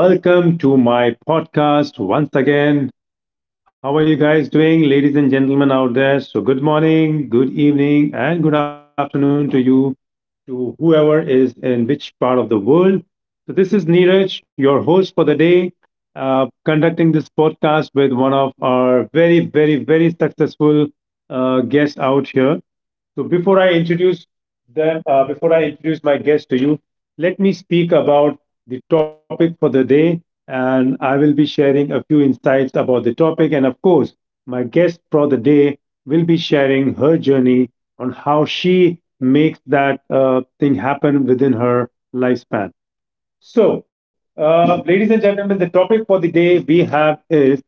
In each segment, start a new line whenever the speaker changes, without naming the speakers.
Hello and welcome to my podcast once again. How are you guys doing, ladies and gentlemen out there? So, good morning, good evening, and good afternoon to you, to whoever is in which part of the world. So, this is Neeraj, your host for the day, conducting this podcast with one of our very, very, very successful guests out here. So before I introduce them, before I introduce my guest to you, let me speak about the topic for the day, and I will be sharing a few insights about the topic. And of course, my guest for the day will be sharing her journey on how she makes that thing happen within her lifespan. So, ladies and gentlemen, the topic for the day we have is: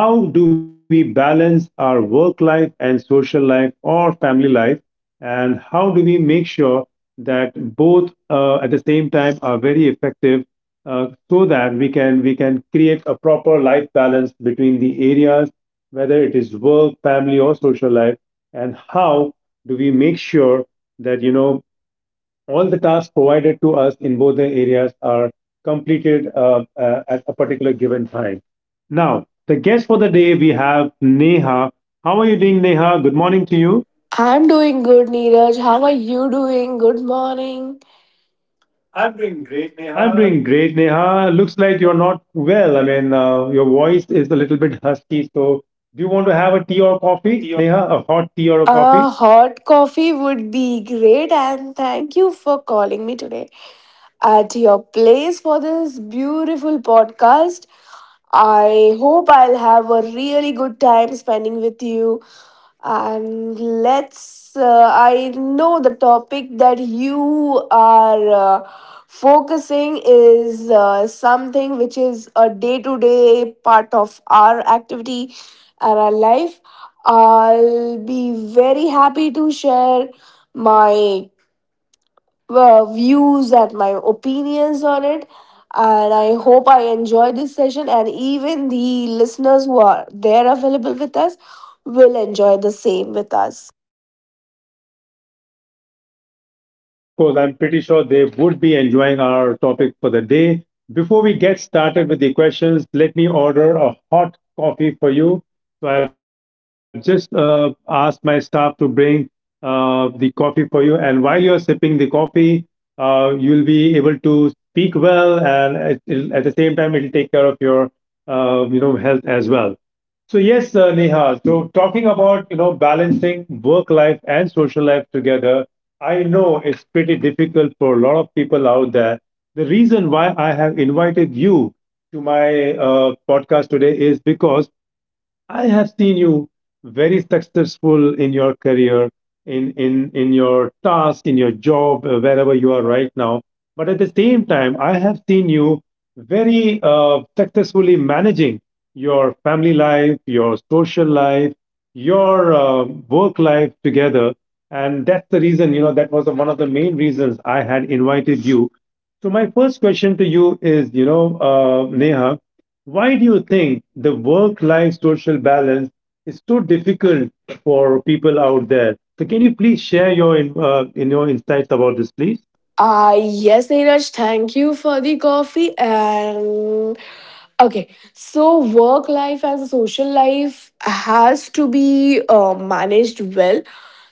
how do we balance our work life and social life or family life, and how do we make sure that both, at the same time, are very effective, so that we can create a proper life balance between the areas, whether it is work, family, or social life, and how do we make sure that all the tasks provided to us in both the areas are completed at a particular given time. Now, the guest for the day we have Neha. How are you doing, Neha? Good morning to you.
I'm doing good, Neeraj. How are you doing? Good morning. I'm doing great,
I'm
Neha.
doing great, Neha. Looks like you're not well. I mean, your voice is a little bit husky. So, do you want to have a tea or
Hot
coffee,
tea.
Neha? A hot tea or a coffee?
A hot coffee would be great, and thank you for calling me today at your place for this beautiful podcast. I hope I'll have a really good time spending with you. And let's. I know the topic that you are focusing is something which is a day to day part of our activity and our life. I'll be very happy to share my views and my opinions on it. And I hope I enjoy this session, and even the listeners who are there available with us will enjoy the same with us.
Yes, of course. I'm pretty sure they would be enjoying our topic for the day. Before we get started with the questions, let me order a hot coffee for you. So I've just asked my staff to bring the coffee for you. And while you're sipping the coffee, you'll be able to speak well, and it'll, at the same time, it'll take care of your health as well. So yes, Neha. So talking about balancing work life and social life together, I know it's pretty difficult for a lot of people out there. The reason why I have invited you to my podcast today is because I have seen you very successful in your career, in your task, in your job, wherever you are right now. But at the same time, I have seen you very successfully managing your family life, your social life, your work life together, and that's the reason. That was one of the main reasons I had invited you. So my first question to you is, Neha: why do you think the work life social balance is so difficult for people out there? So, can you please share your in your insights about this, please?
Yes, Neeraj, thank you for the coffee. And okay, so work life and social life has to be managed well.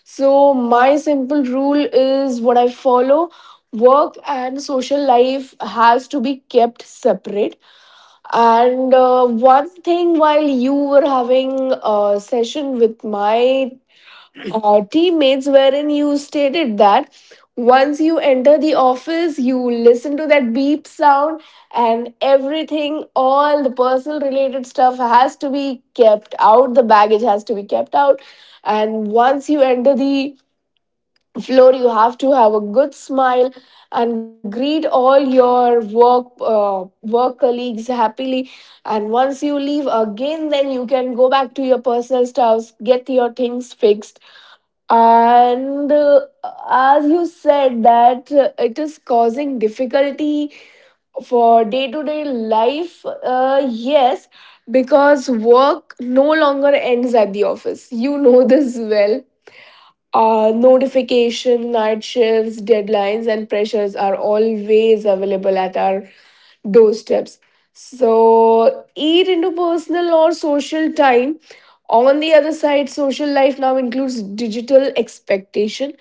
So, my simple rule is what I follow. Work and social life has to be kept separate. And one thing, while you were having a session with my teammates, wherein you stated that once you enter the office, you listen to that beep sound, and everything, all the personal related stuff has to be kept out, the baggage has to be kept out, and once you enter the floor, you have to have a good smile and greet all your work colleagues happily, and once you leave again, then you can go back to your personal stuffs, get your things fixed. And as you said that it is causing difficulty for day to day life, yes, because work no longer ends at the office, you know this well. Notification, night shifts, deadlines, and pressures are always available at our doorsteps. So, eat into personal or social time. On the other side, social life now includes digital expectation,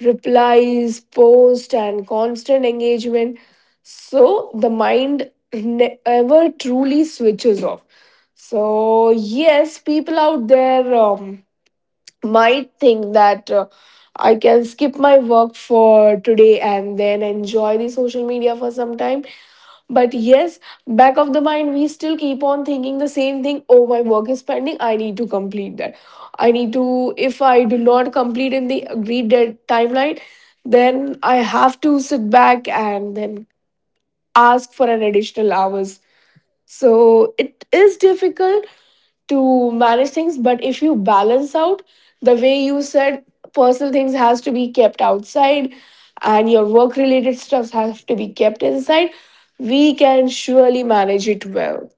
replies, post, and constant engagement. So, the mind never truly switches off. So, yes, people out there might think that I can skip my work for today and then enjoy the social media for some time. But yes, back of the mind, we still keep on thinking the same thing. Oh, my work is pending. I need to complete that. I need to, if I do not complete in the agreed dead timeline, then I have to sit back and then ask for an additional hours. So it is difficult to manage things, but if you balance out the way you said, personal things has to be kept outside and your work related stuffs have to be kept inside, we can surely manage it well.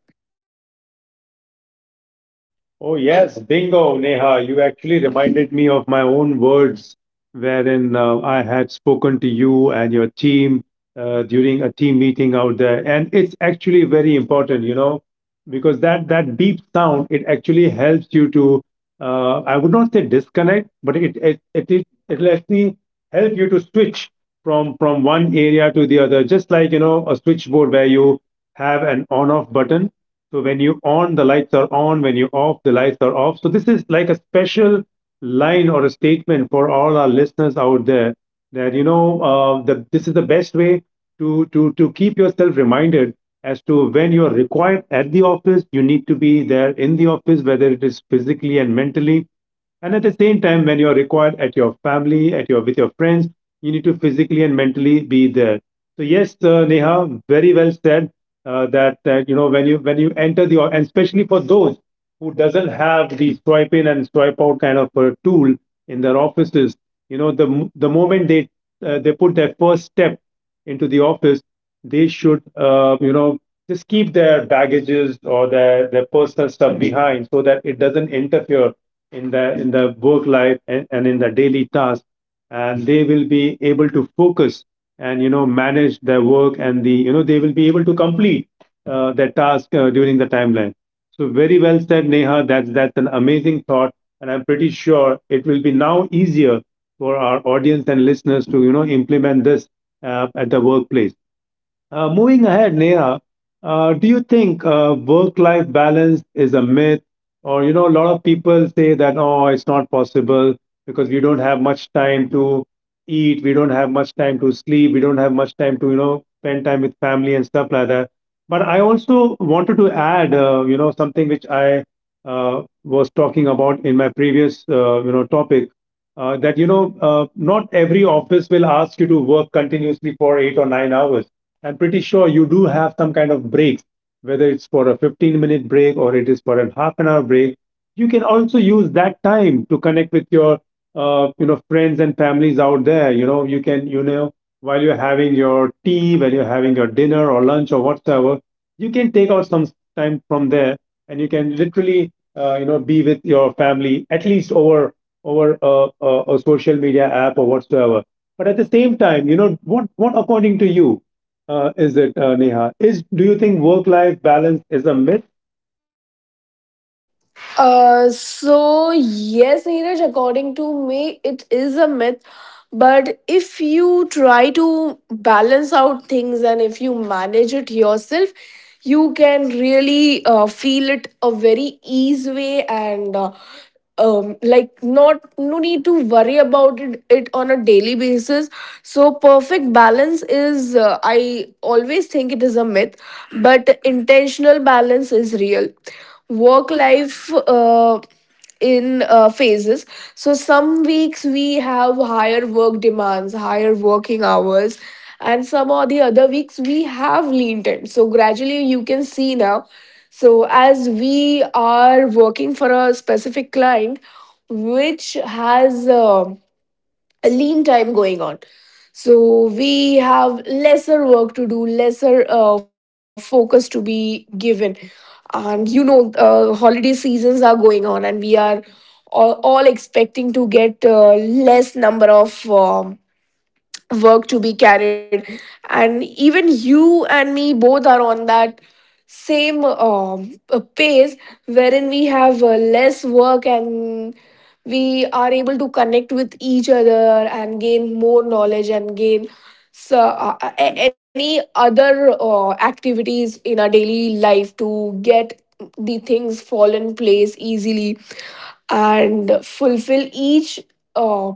Oh yes, bingo, Neha. You actually reminded me of my own words, wherein I had spoken to you and your team during a team meeting out there, and it's actually very important. Because that deep sound, it actually helps you to, I would not say disconnect, but it'll actually help you to switch from one area to the other, just like a switchboard where you have an on-off button. So when you on, the lights are on. When you off, the lights are off. So this is like a special line or a statement for all our listeners out there, that this is the best way to keep yourself reminded as to when you are required at the office, you need to be there in the office, whether it is physically and mentally. And at the same time, when you are required at your family, at your with your friends, you need to physically and mentally be there. So yes, Neha, very well said. That that you know when you enter the o- and especially for those who doesn't have the swipe in and swipe out kind of a tool in their offices, the moment they, put their first step into the office, they should, just keep their baggages or their personal stuff behind, so that it doesn't interfere in the work life, and in the daily task, and they will be able to focus and manage their work, and they will be able to complete their task during the timeline. So very well said, Neha. That's an amazing thought, and I'm pretty sure it will be now easier for our audience and listeners to implement this at the workplace. Moving ahead, Neha, do you think work-life balance is a myth? Or, a lot of people say that, oh, it's not possible because we don't have much time to eat, we don't have much time to sleep, we don't have much time to, spend time with family and stuff like that. But I also wanted to add, something which I was talking about in my previous, topic. Not every office will ask you to work continuously for 8 or 9 hours. I'm pretty sure you do have some kind of breaks, whether it's for a 15-minute break or it is for a half an hour break. You can also use that time to connect with your, friends and families out there. You know, you can, you know, while you're having your tea, while you're having your dinner or lunch or whatsoever, you can take out some time from there, and you can literally, be with your family, at least over a social media app or whatsoever. But at the same time, what according to you? Is it, Neha? Is Do you think work-life balance is a myth?
So yes, Neeraj, according to me, it is a myth. But if you try to balance out things and if you manage it yourself, you can really feel it a very easy way and like, not, no need to worry about it, it on a daily basis. So perfect balance is, I always think it is a myth, but intentional balance is real. Work life in phases. So some weeks we have higher work demands, higher working hours, and some or the other weeks we have lean time. So gradually you can see now. So as we are working for a specific client, which has a lean time going on. So we have lesser work to do, lesser focus to be given. And you know, holiday seasons are going on, and we are all expecting to get less number of work to be carried, and even you and me both are on that same pace, wherein we have less work and we are able to connect with each other and gain more knowledge and gain. So, any other activities in our daily life to get the things fall in place easily and fulfill uh,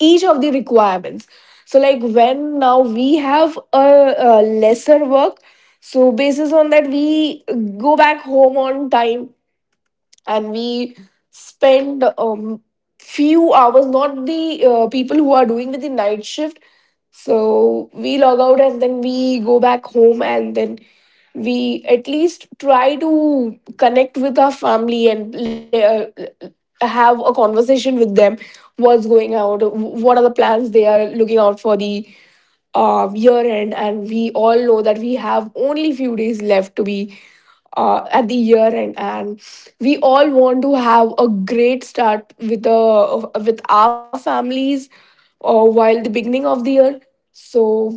each of the requirements. So like, when now we have a lesser work, so basis on that, we go back home on time and we spend few hours, not the people who are doing with the night shift. So we log out and then we go back home, and then we at least try to connect with our family and have a conversation with them, what's going out, what are the plans they are looking out for the year end. And we all know that we have only few days left to be at the year end, and we all want to have a great start with our families while the beginning of the year. So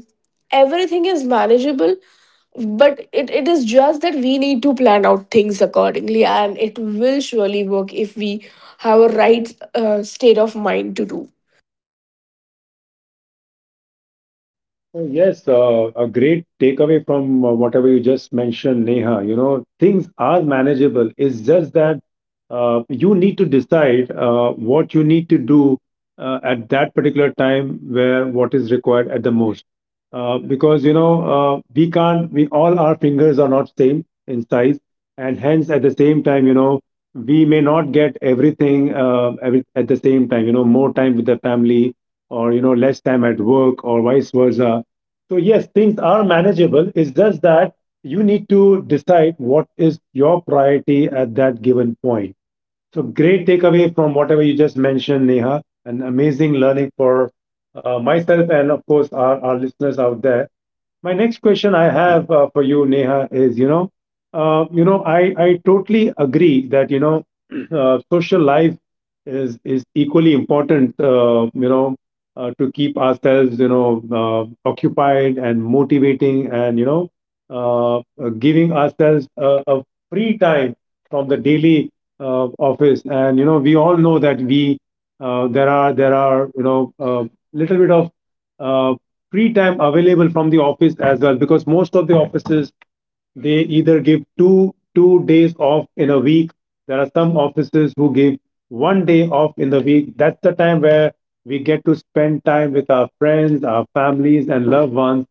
everything is manageable, but it is just that we need to plan out things accordingly, and it will surely work if we have a right state of mind to do.
Oh, yes, a great takeaway from whatever you just mentioned, Neha. Things are manageable. It's just that, you need to decide what you need to do at that particular time, where what is required at the most. Because, we can't, we all, our fingers are not same in size. And hence, at the same time, we may not get everything, at the same time, more time with the family, or, less time at work, or vice versa. So yes, things are manageable. It's just that you need to decide what is your priority at that given point. So great takeaway from whatever you just mentioned, Neha, and amazing learning for myself and, of course, our listeners out there. My next question I have for you, Neha, is, I totally agree that, social life is equally important. To keep ourselves occupied and motivating, and giving ourselves a free time from the daily office. And we all know that we there are, a little bit of uh, free time available from the office as well, because most of the offices, they either give two days off in a week. There are some offices who give one day off in the week. That's the time where we get to spend time with our friends, our families, and loved ones.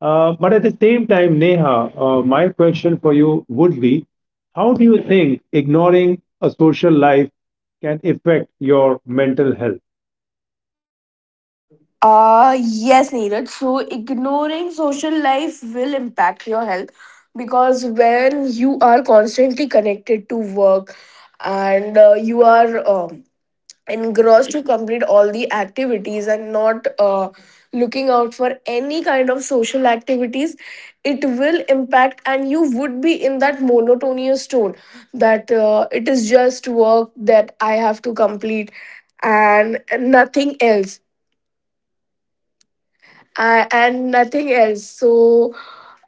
But at the same time, Neha, my question for you would be: how do you think ignoring a social life can affect your mental health?
Yes, Neeraj. So, ignoring social life will impact your health, because when you are constantly connected to work and you are engrossed to complete all the activities and not looking out for any kind of social activities, it will impact and you would be in that monotonous tone, that it is just work that I have to complete and nothing else, and nothing else. So,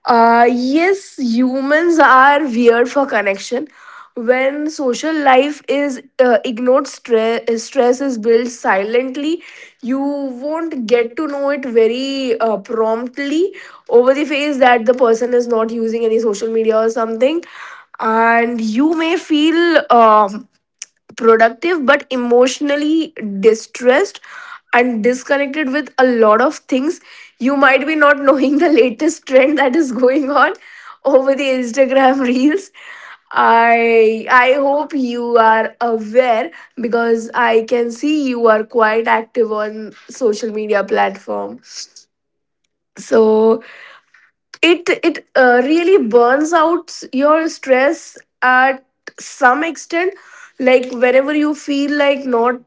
yes, humans are weird for connection. When social life is ignored, stress is built silently. You won't get to know it very promptly over the face that the person is not using any social media or something, and you may feel productive but emotionally distressed and disconnected with a lot of things. You might be not knowing the latest trend that is going on over the Instagram reels. I hope you are aware, because I can see you are quite active on social media platform. So it, it really burns out your stress at some extent. Like whenever you feel like not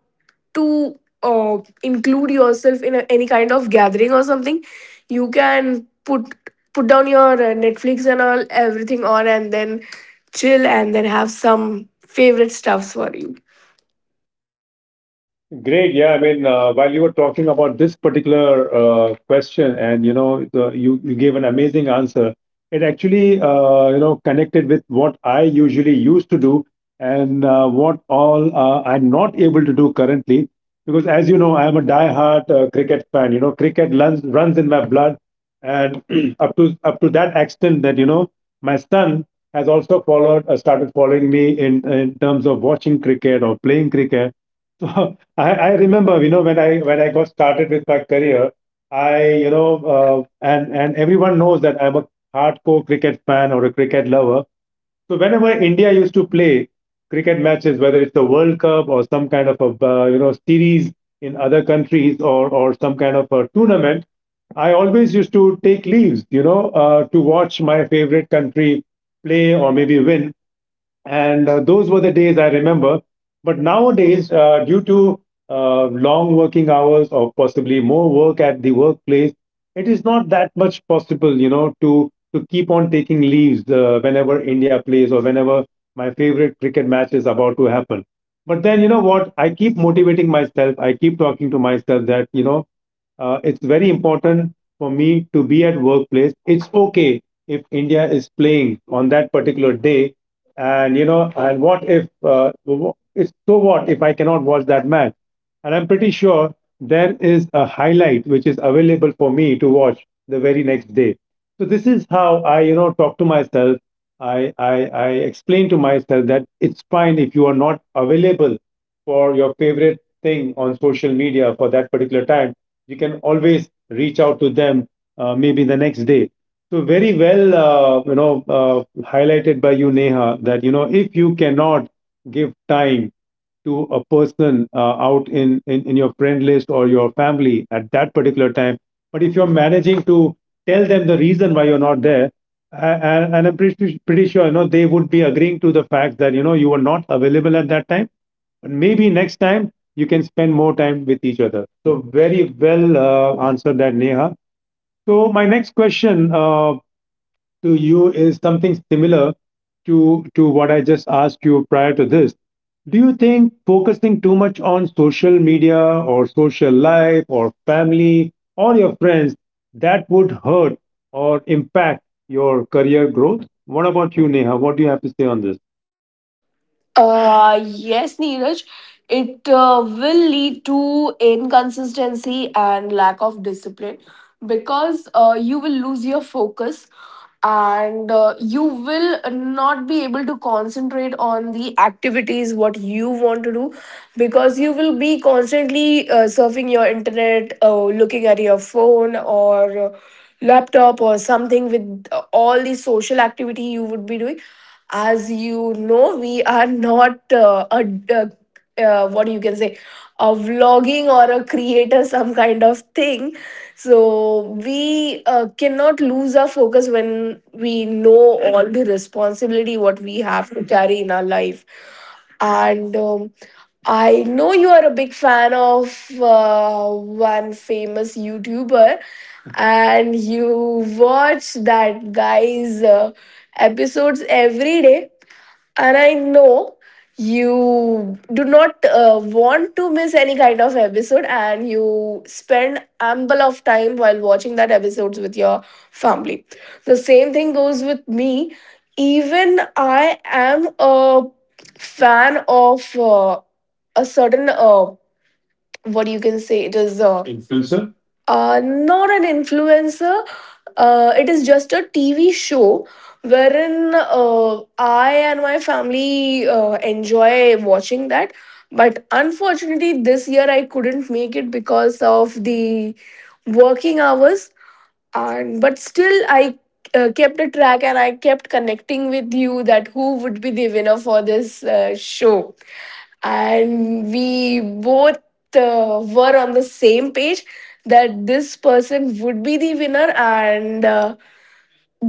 to include yourself in any kind of gathering or something, you can put down your Netflix and all, everything on, and then chill and then have some favorite stuffs for you.
Great. Yeah, I mean, while you were talking about this particular question, and you gave an amazing answer. It actually, connected with what I usually used to do, and what all, I'm not able to do currently, because as you know, I'm a diehard cricket fan. Cricket runs in my blood, and up to that extent that, my son has also started following me in terms of watching cricket or playing cricket. So I remember, when I got started with my career, I, you know, and everyone knows that I'm a hardcore cricket fan or a cricket lover. So whenever India used to play cricket matches, whether it's the World Cup or some kind of a series in other countries or some kind of a tournament, I always used to take leaves, to watch my favorite country play or maybe win, and those were the days I remember. But nowadays, due to long working hours or possibly more work at the workplace, it is not that much possible, you know, to keep on taking leaves whenever India plays or whenever my favorite cricket match is about to happen. But then, you know what? I keep motivating myself. I keep talking to myself that it's very important for me to be at workplace. It's okay if India is playing on that particular day. And you know, and what if I cannot watch that match? And I'm pretty sure there is a highlight which is available for me to watch the very next day. So this is how I, you know, talk to myself. I explain to myself that it's fine if you are not available for your favorite thing on social media for that particular time. You can always reach out to them maybe the next day. So very well you know, highlighted by you, Neha, that you know, if you cannot give time to a person out in your friend list or your family at that particular time, but if you're managing to tell them the reason why you're not there, and I'm pretty sure, you know, they would be agreeing to the fact that you know, you were not available at that time, but maybe next time you can spend more time with each other. So very well answered that, Neha. So my next question to you is something similar to what I just asked you prior to this. Do you think focusing too much on social media or social life or family or your friends, that would hurt or impact your career growth? What about you, Neha? What do you have to say on this?
Yes, Neeraj, it will lead to inconsistency and lack of discipline, because you will lose your focus and you will not be able to concentrate on the activities what you want to do, because you will be constantly surfing your internet, looking at your phone or laptop or something, with all the social activity you would be doing. As you know, we are not a- what you can say, a vlogging or a creator, some kind of thing. So we cannot lose our focus when we know all the responsibility what we have to carry in our life. And I know you are a big fan of one famous YouTuber, and you watch that guy's episodes every day, and I know you do not want to miss any kind of episode, and you spend ample of time while watching that episodes with your family. The same thing goes with me. Even I am a fan of a certain, what you can say, it is
Influencer?
Influencer? Not an influencer. It is just a TV show wherein I and my family enjoy watching that. But unfortunately, this year I couldn't make it because of the working hours. And but still, I kept a track and I kept connecting with you that who would be the winner for this show, and we both were on the same page that this person would be the winner, and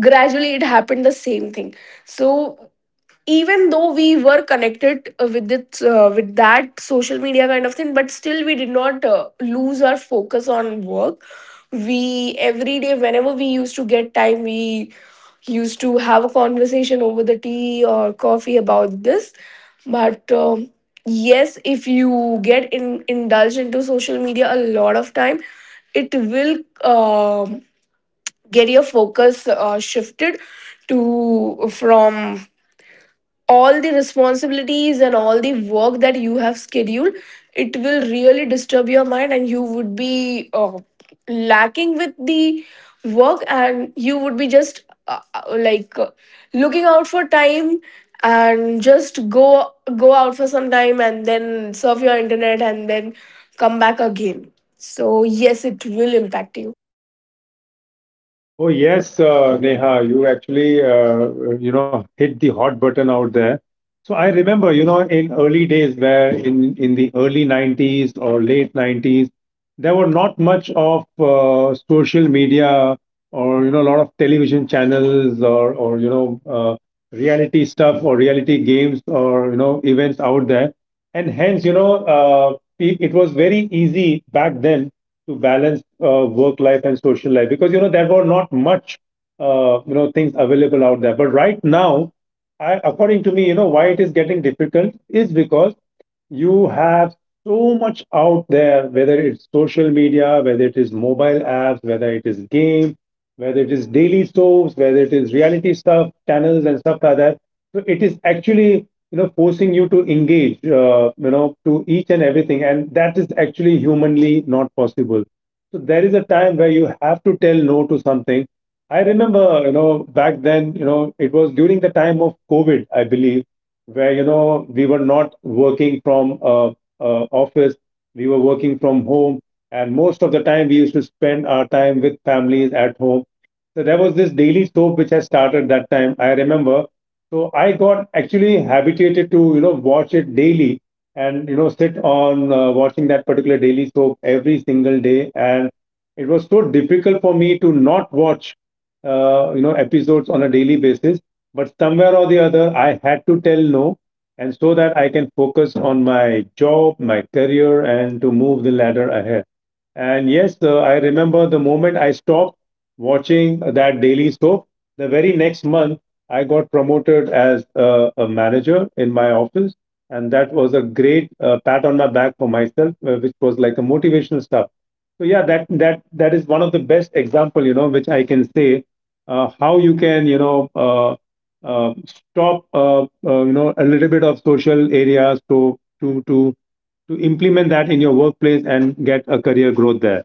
gradually it happened the same thing. So even though we were connected with that social media kind of thing, but still we did not lose our focus on work. We every day, whenever we used to get time, we used to have a conversation over the tea or coffee about this. But yes, if you get indulged into social media a lot of time, it will um, get your focus shifted to, from all the responsibilities and all the work that you have scheduled. It will really disturb your mind and you would be lacking with the work, and you would be just like, looking out for time and just go out for some time and then surf your internet and then come back again. So yes, it will impact you.
Oh yes, Neha, you actually you know, hit the hot button out there. So I remember, you know, in early days, where in the early 90s or late 90s, there were not much of social media or you know, a lot of television channels or you know, reality stuff or reality games or you know, events out there. And hence, you know, it was very easy back then to balance work life and social life because, you know, there were not much, you know, things available out there. But right now, I, according to me, you know, why it is getting difficult is because you have so much out there, whether it's social media, whether it is mobile apps, whether it is game, whether it is daily soaps, whether it is reality stuff, channels and stuff like that. So it is actually, you know, forcing you to engage you know, to each and everything, and that is actually humanly not possible. So there is a time where you have to tell no to something. I remember, you know, back then, you know, it was during the time of COVID, I believe, where you know, we were not working from office. We were working from home, and most of the time we used to spend our time with families at home. So there was this daily soap which I started that time, I remember. So I got actually habituated to, you know, watch it daily, and you know, sit on watching that particular daily soap every single day, and it was so difficult for me to not watch you know, episodes on a daily basis. But somewhere or the other, I had to tell no, and so that I can focus on my job, my career, and to move the ladder ahead. And yes, I remember the moment I stopped watching that daily soap, the very next month, I got promoted as a manager in my office, and that was a great pat on my back for myself, which was like a motivational stuff. So yeah, that is one of the best example, you know, which I can say how you can, you know, stop, you know, a little bit of social areas to implement that in your workplace and get a career growth there.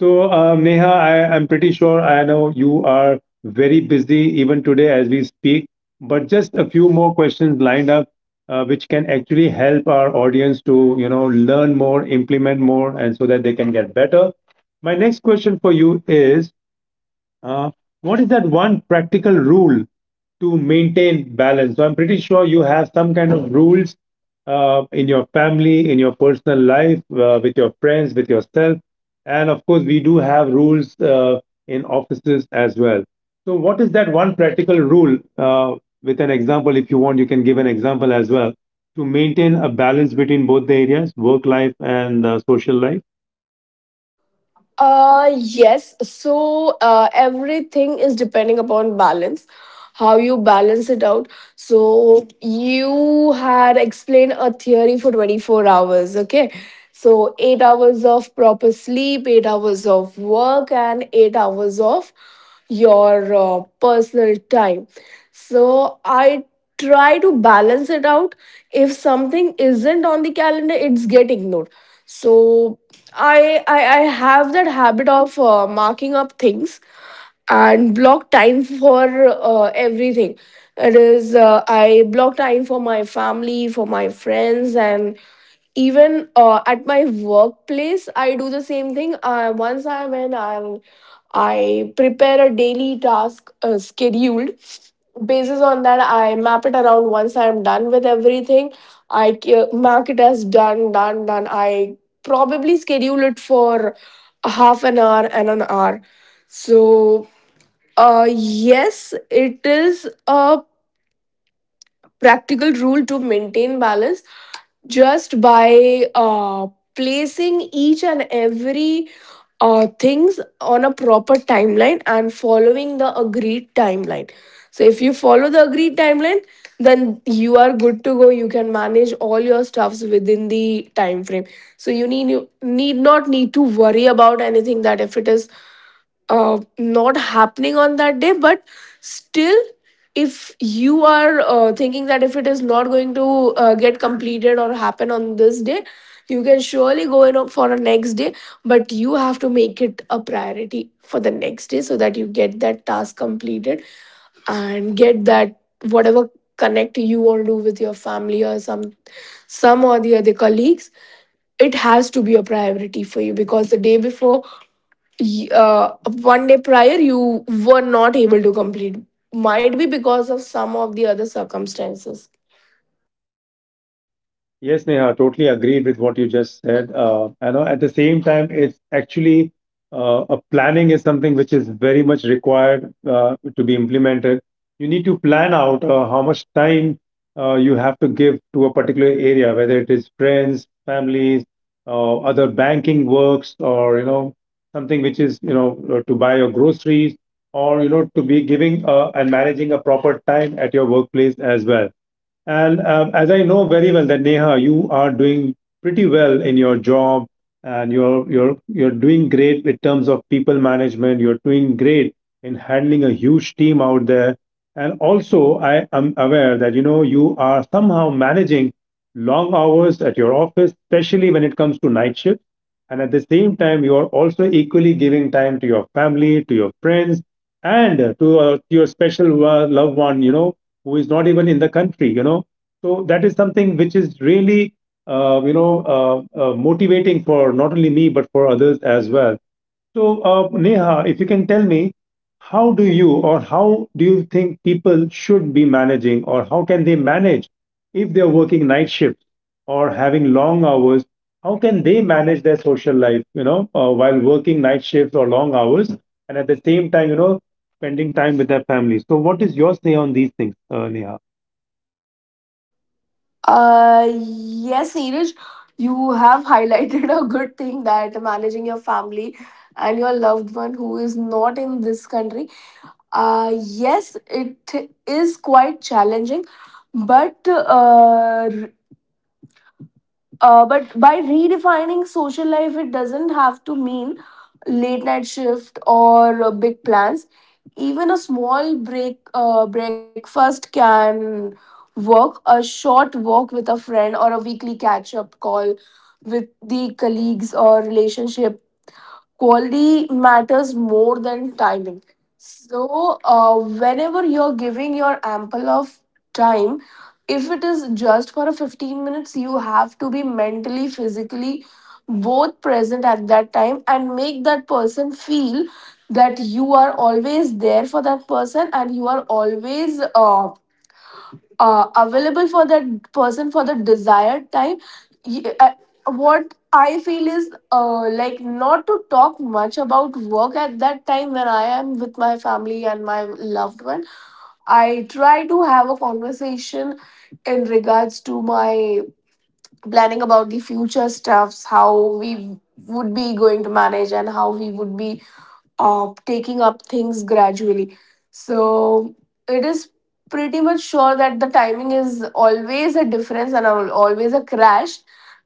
So, Neha, I, I'm pretty sure I know you are very busy even today as we speak, but just a few more questions lined up, which can actually help our audience to, you know, learn more, implement more, and so that they can get better. My next question for you is, uh, what is that one practical rule to maintain balance? So I'm pretty sure you have some kind of rules in your family, in your personal life, with your friends, with yourself, and of course we do have rules in offices as well. So what is that one practical rule? With an example, if you want, you can give an example as well to maintain a balance between both the areas, work life and social life.
Yes. So everything is depending upon balance, how you balance it out. So you had explained a theory for 24 hours, okay? So 8 hours of proper sleep, 8 hours of work, and 8 hours of your personal time. So I try to balance it out. If something isn't on the calendar, it's get ignored. So I have that habit of marking up things and block time for everything. It is, I block time for my family, for my friends, and even at my workplace I do the same thing. Once I'm in, I prepare a daily task scheduled, basis on that I map it around. Once I'm done with everything, mark it as done, done, done. I probably schedule it for half an hour and an hour. So, yes, it is a practical rule to maintain balance, just by placing each and every things on a proper timeline and following the agreed timeline. So if you follow the agreed timeline, then you are good to go. You can manage all your stuffs within the time frame. So you need not need to worry about anything, that if it is not happening on that day, but still if you are thinking that if it is not going to get completed or happen on this day, you can surely go in for a next day, but you have to make it a priority for the next day so that you get that task completed and get that whatever connect you want to do with your family or some or the other colleagues. It has to be a priority for you, because the day before, y- uh, one day prior, you were not able to complete, might be because of some of the other circumstances.
Yes, Neha, totally agreed with what you just said. I know at the same time, it's actually a planning is something which is very much required to be implemented. You need to plan out how much time you have to give to a particular area, whether it is friends, families, other banking works, or you know, something which is, you know, to buy your groceries, or you know, to be giving and managing a proper time at your workplace as well. And as I know very well that Neha, you are doing pretty well in your job, and you're doing great in terms of people management. You're doing great in handling a huge team out there. And also, I am aware that you know, you are somehow managing long hours at your office, especially when it comes to night shift. And at the same time, you are also equally giving time to your family, to your friends, and to your special loved one, you know, who is not even in the country, you know. So that is something which is really you know, motivating for not only me but for others as well. So, Neha, if you can tell me, how do you, or how do you think people should be managing, or how can they manage if they're working night shifts or having long hours? How can they manage their social life, you know, while working night shifts or long hours, and at the same time, you know, spending time with their families? So, what is your say on these things, Neha?
Yes, Neeraj, you have highlighted a good thing, that managing your family and your loved one who is not in this country, yes, it is quite challenging, but uh, but by redefining social life, it doesn't have to mean late night shift or big plans. Even a small break breakfast can work. A short walk with a friend or a weekly catch up call with the colleagues or relationship, quality matters more than timing. So, whenever you're giving your ample of time, if it is just for a 15 minutes, you have to be mentally, physically both present at that time and make that person feel that you are always there for that person and you are always available for that person for the desired time. y- uh, what I feel is, like, not to talk much about work at that time when I am with my family and my loved one. I try to have a conversation in regards to my planning about the future stuffs, how we would be going to manage and how we would be of taking up things gradually. So it is pretty much sure that the timing is always a difference and always a crash,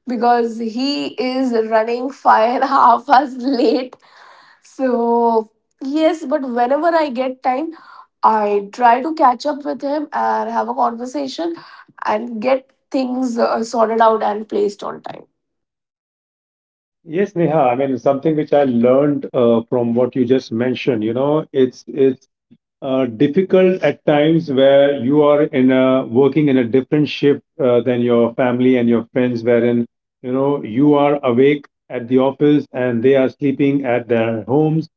because he is running five and a half hours late. So yes, but whenever I get time, I try to catch up with him and have a conversation and get things sorted out and placed on time.
Yes, Neha. I mean, something which I learned from what you just mentioned, you know, it's difficult at times where you are in a working in a different shift than your family and your friends, wherein you know, you are awake at the office and they are sleeping at their homes.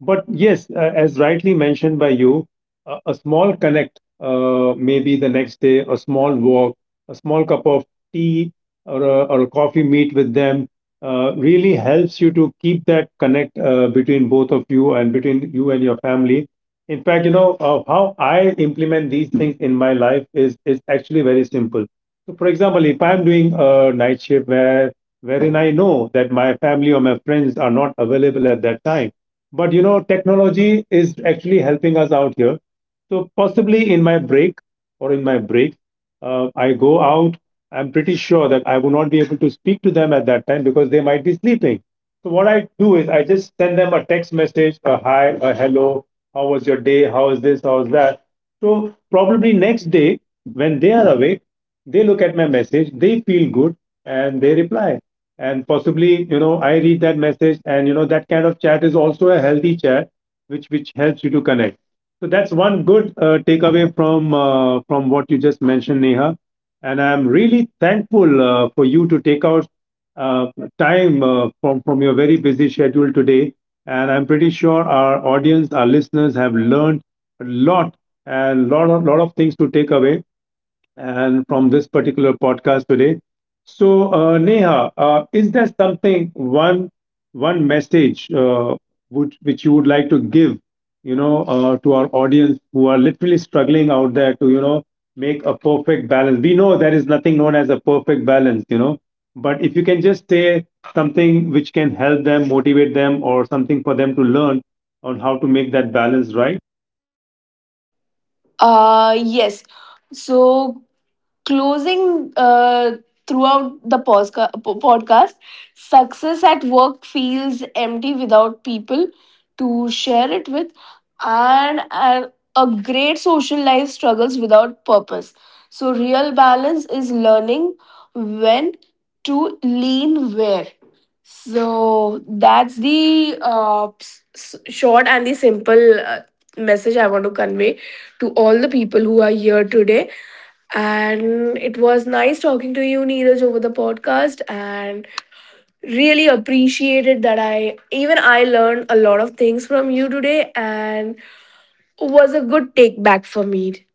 But yes, as rightly mentioned by you, a small connect, maybe the next day, a small walk, a small cup of tea, or a coffee meet with them, really helps you to keep that connect between both of you, and between you and your family. In fact, you know, how I implement these things in my life is actually very simple. So, for example, if I'm doing a night shift, wherein I know that my family or my friends are not available at that time, but you know, technology is actually helping us out here. So possibly in my break or in my break, I go out. I'm pretty sure that I will not be able to speak to them at that time because they might be sleeping. So what I do is I just send them a text message, a hi, a hello, how was your day, how is this, how is that. So probably next day, when they are awake, they look at my message, they feel good, and they reply. And possibly, you know, I read that message, and you know, that kind of chat is also a healthy chat, which helps you to connect. So that's one good takeaway from what you just mentioned, Neha. And I'm really thankful for you to take out uh, time from your very busy schedule today. And I'm pretty sure our audience, our listeners have learned a lot, and lot of things to take away and from this particular podcast today. So, Neha, is there something, one message which you would like to give, you know, to our audience who are literally struggling out there to, you know, make a perfect balance? We know there is nothing known as a perfect balance, you know, but if you can just say something which can help them, motivate them, or something for them to learn on how to make that balance right.
Uh, yes. So, closing, throughout the podcast, success at work feels empty without people to share it with, and a great social life struggles without purpose. So, real balance is learning when to lean where. So, that's the short and the simple message I want to convey to all the people who are here today. And it was nice talking to you, Neeraj, over the podcast, and really appreciated that I learned a lot of things from you today and was a good take back for me.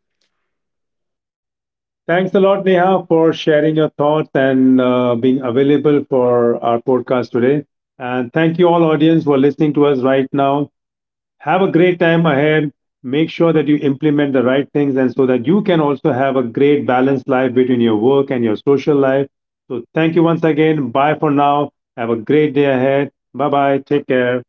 Thanks a lot, Neha, for sharing your thoughts and being available for our podcast today. And thank you all, audience, who are listening to us right now. Have a great time ahead. Make sure that you implement the right things, and so that you can also have a great balanced life between your work and your social life. So, thank you once again. Bye for now. Have a great day ahead. Bye bye. Take care.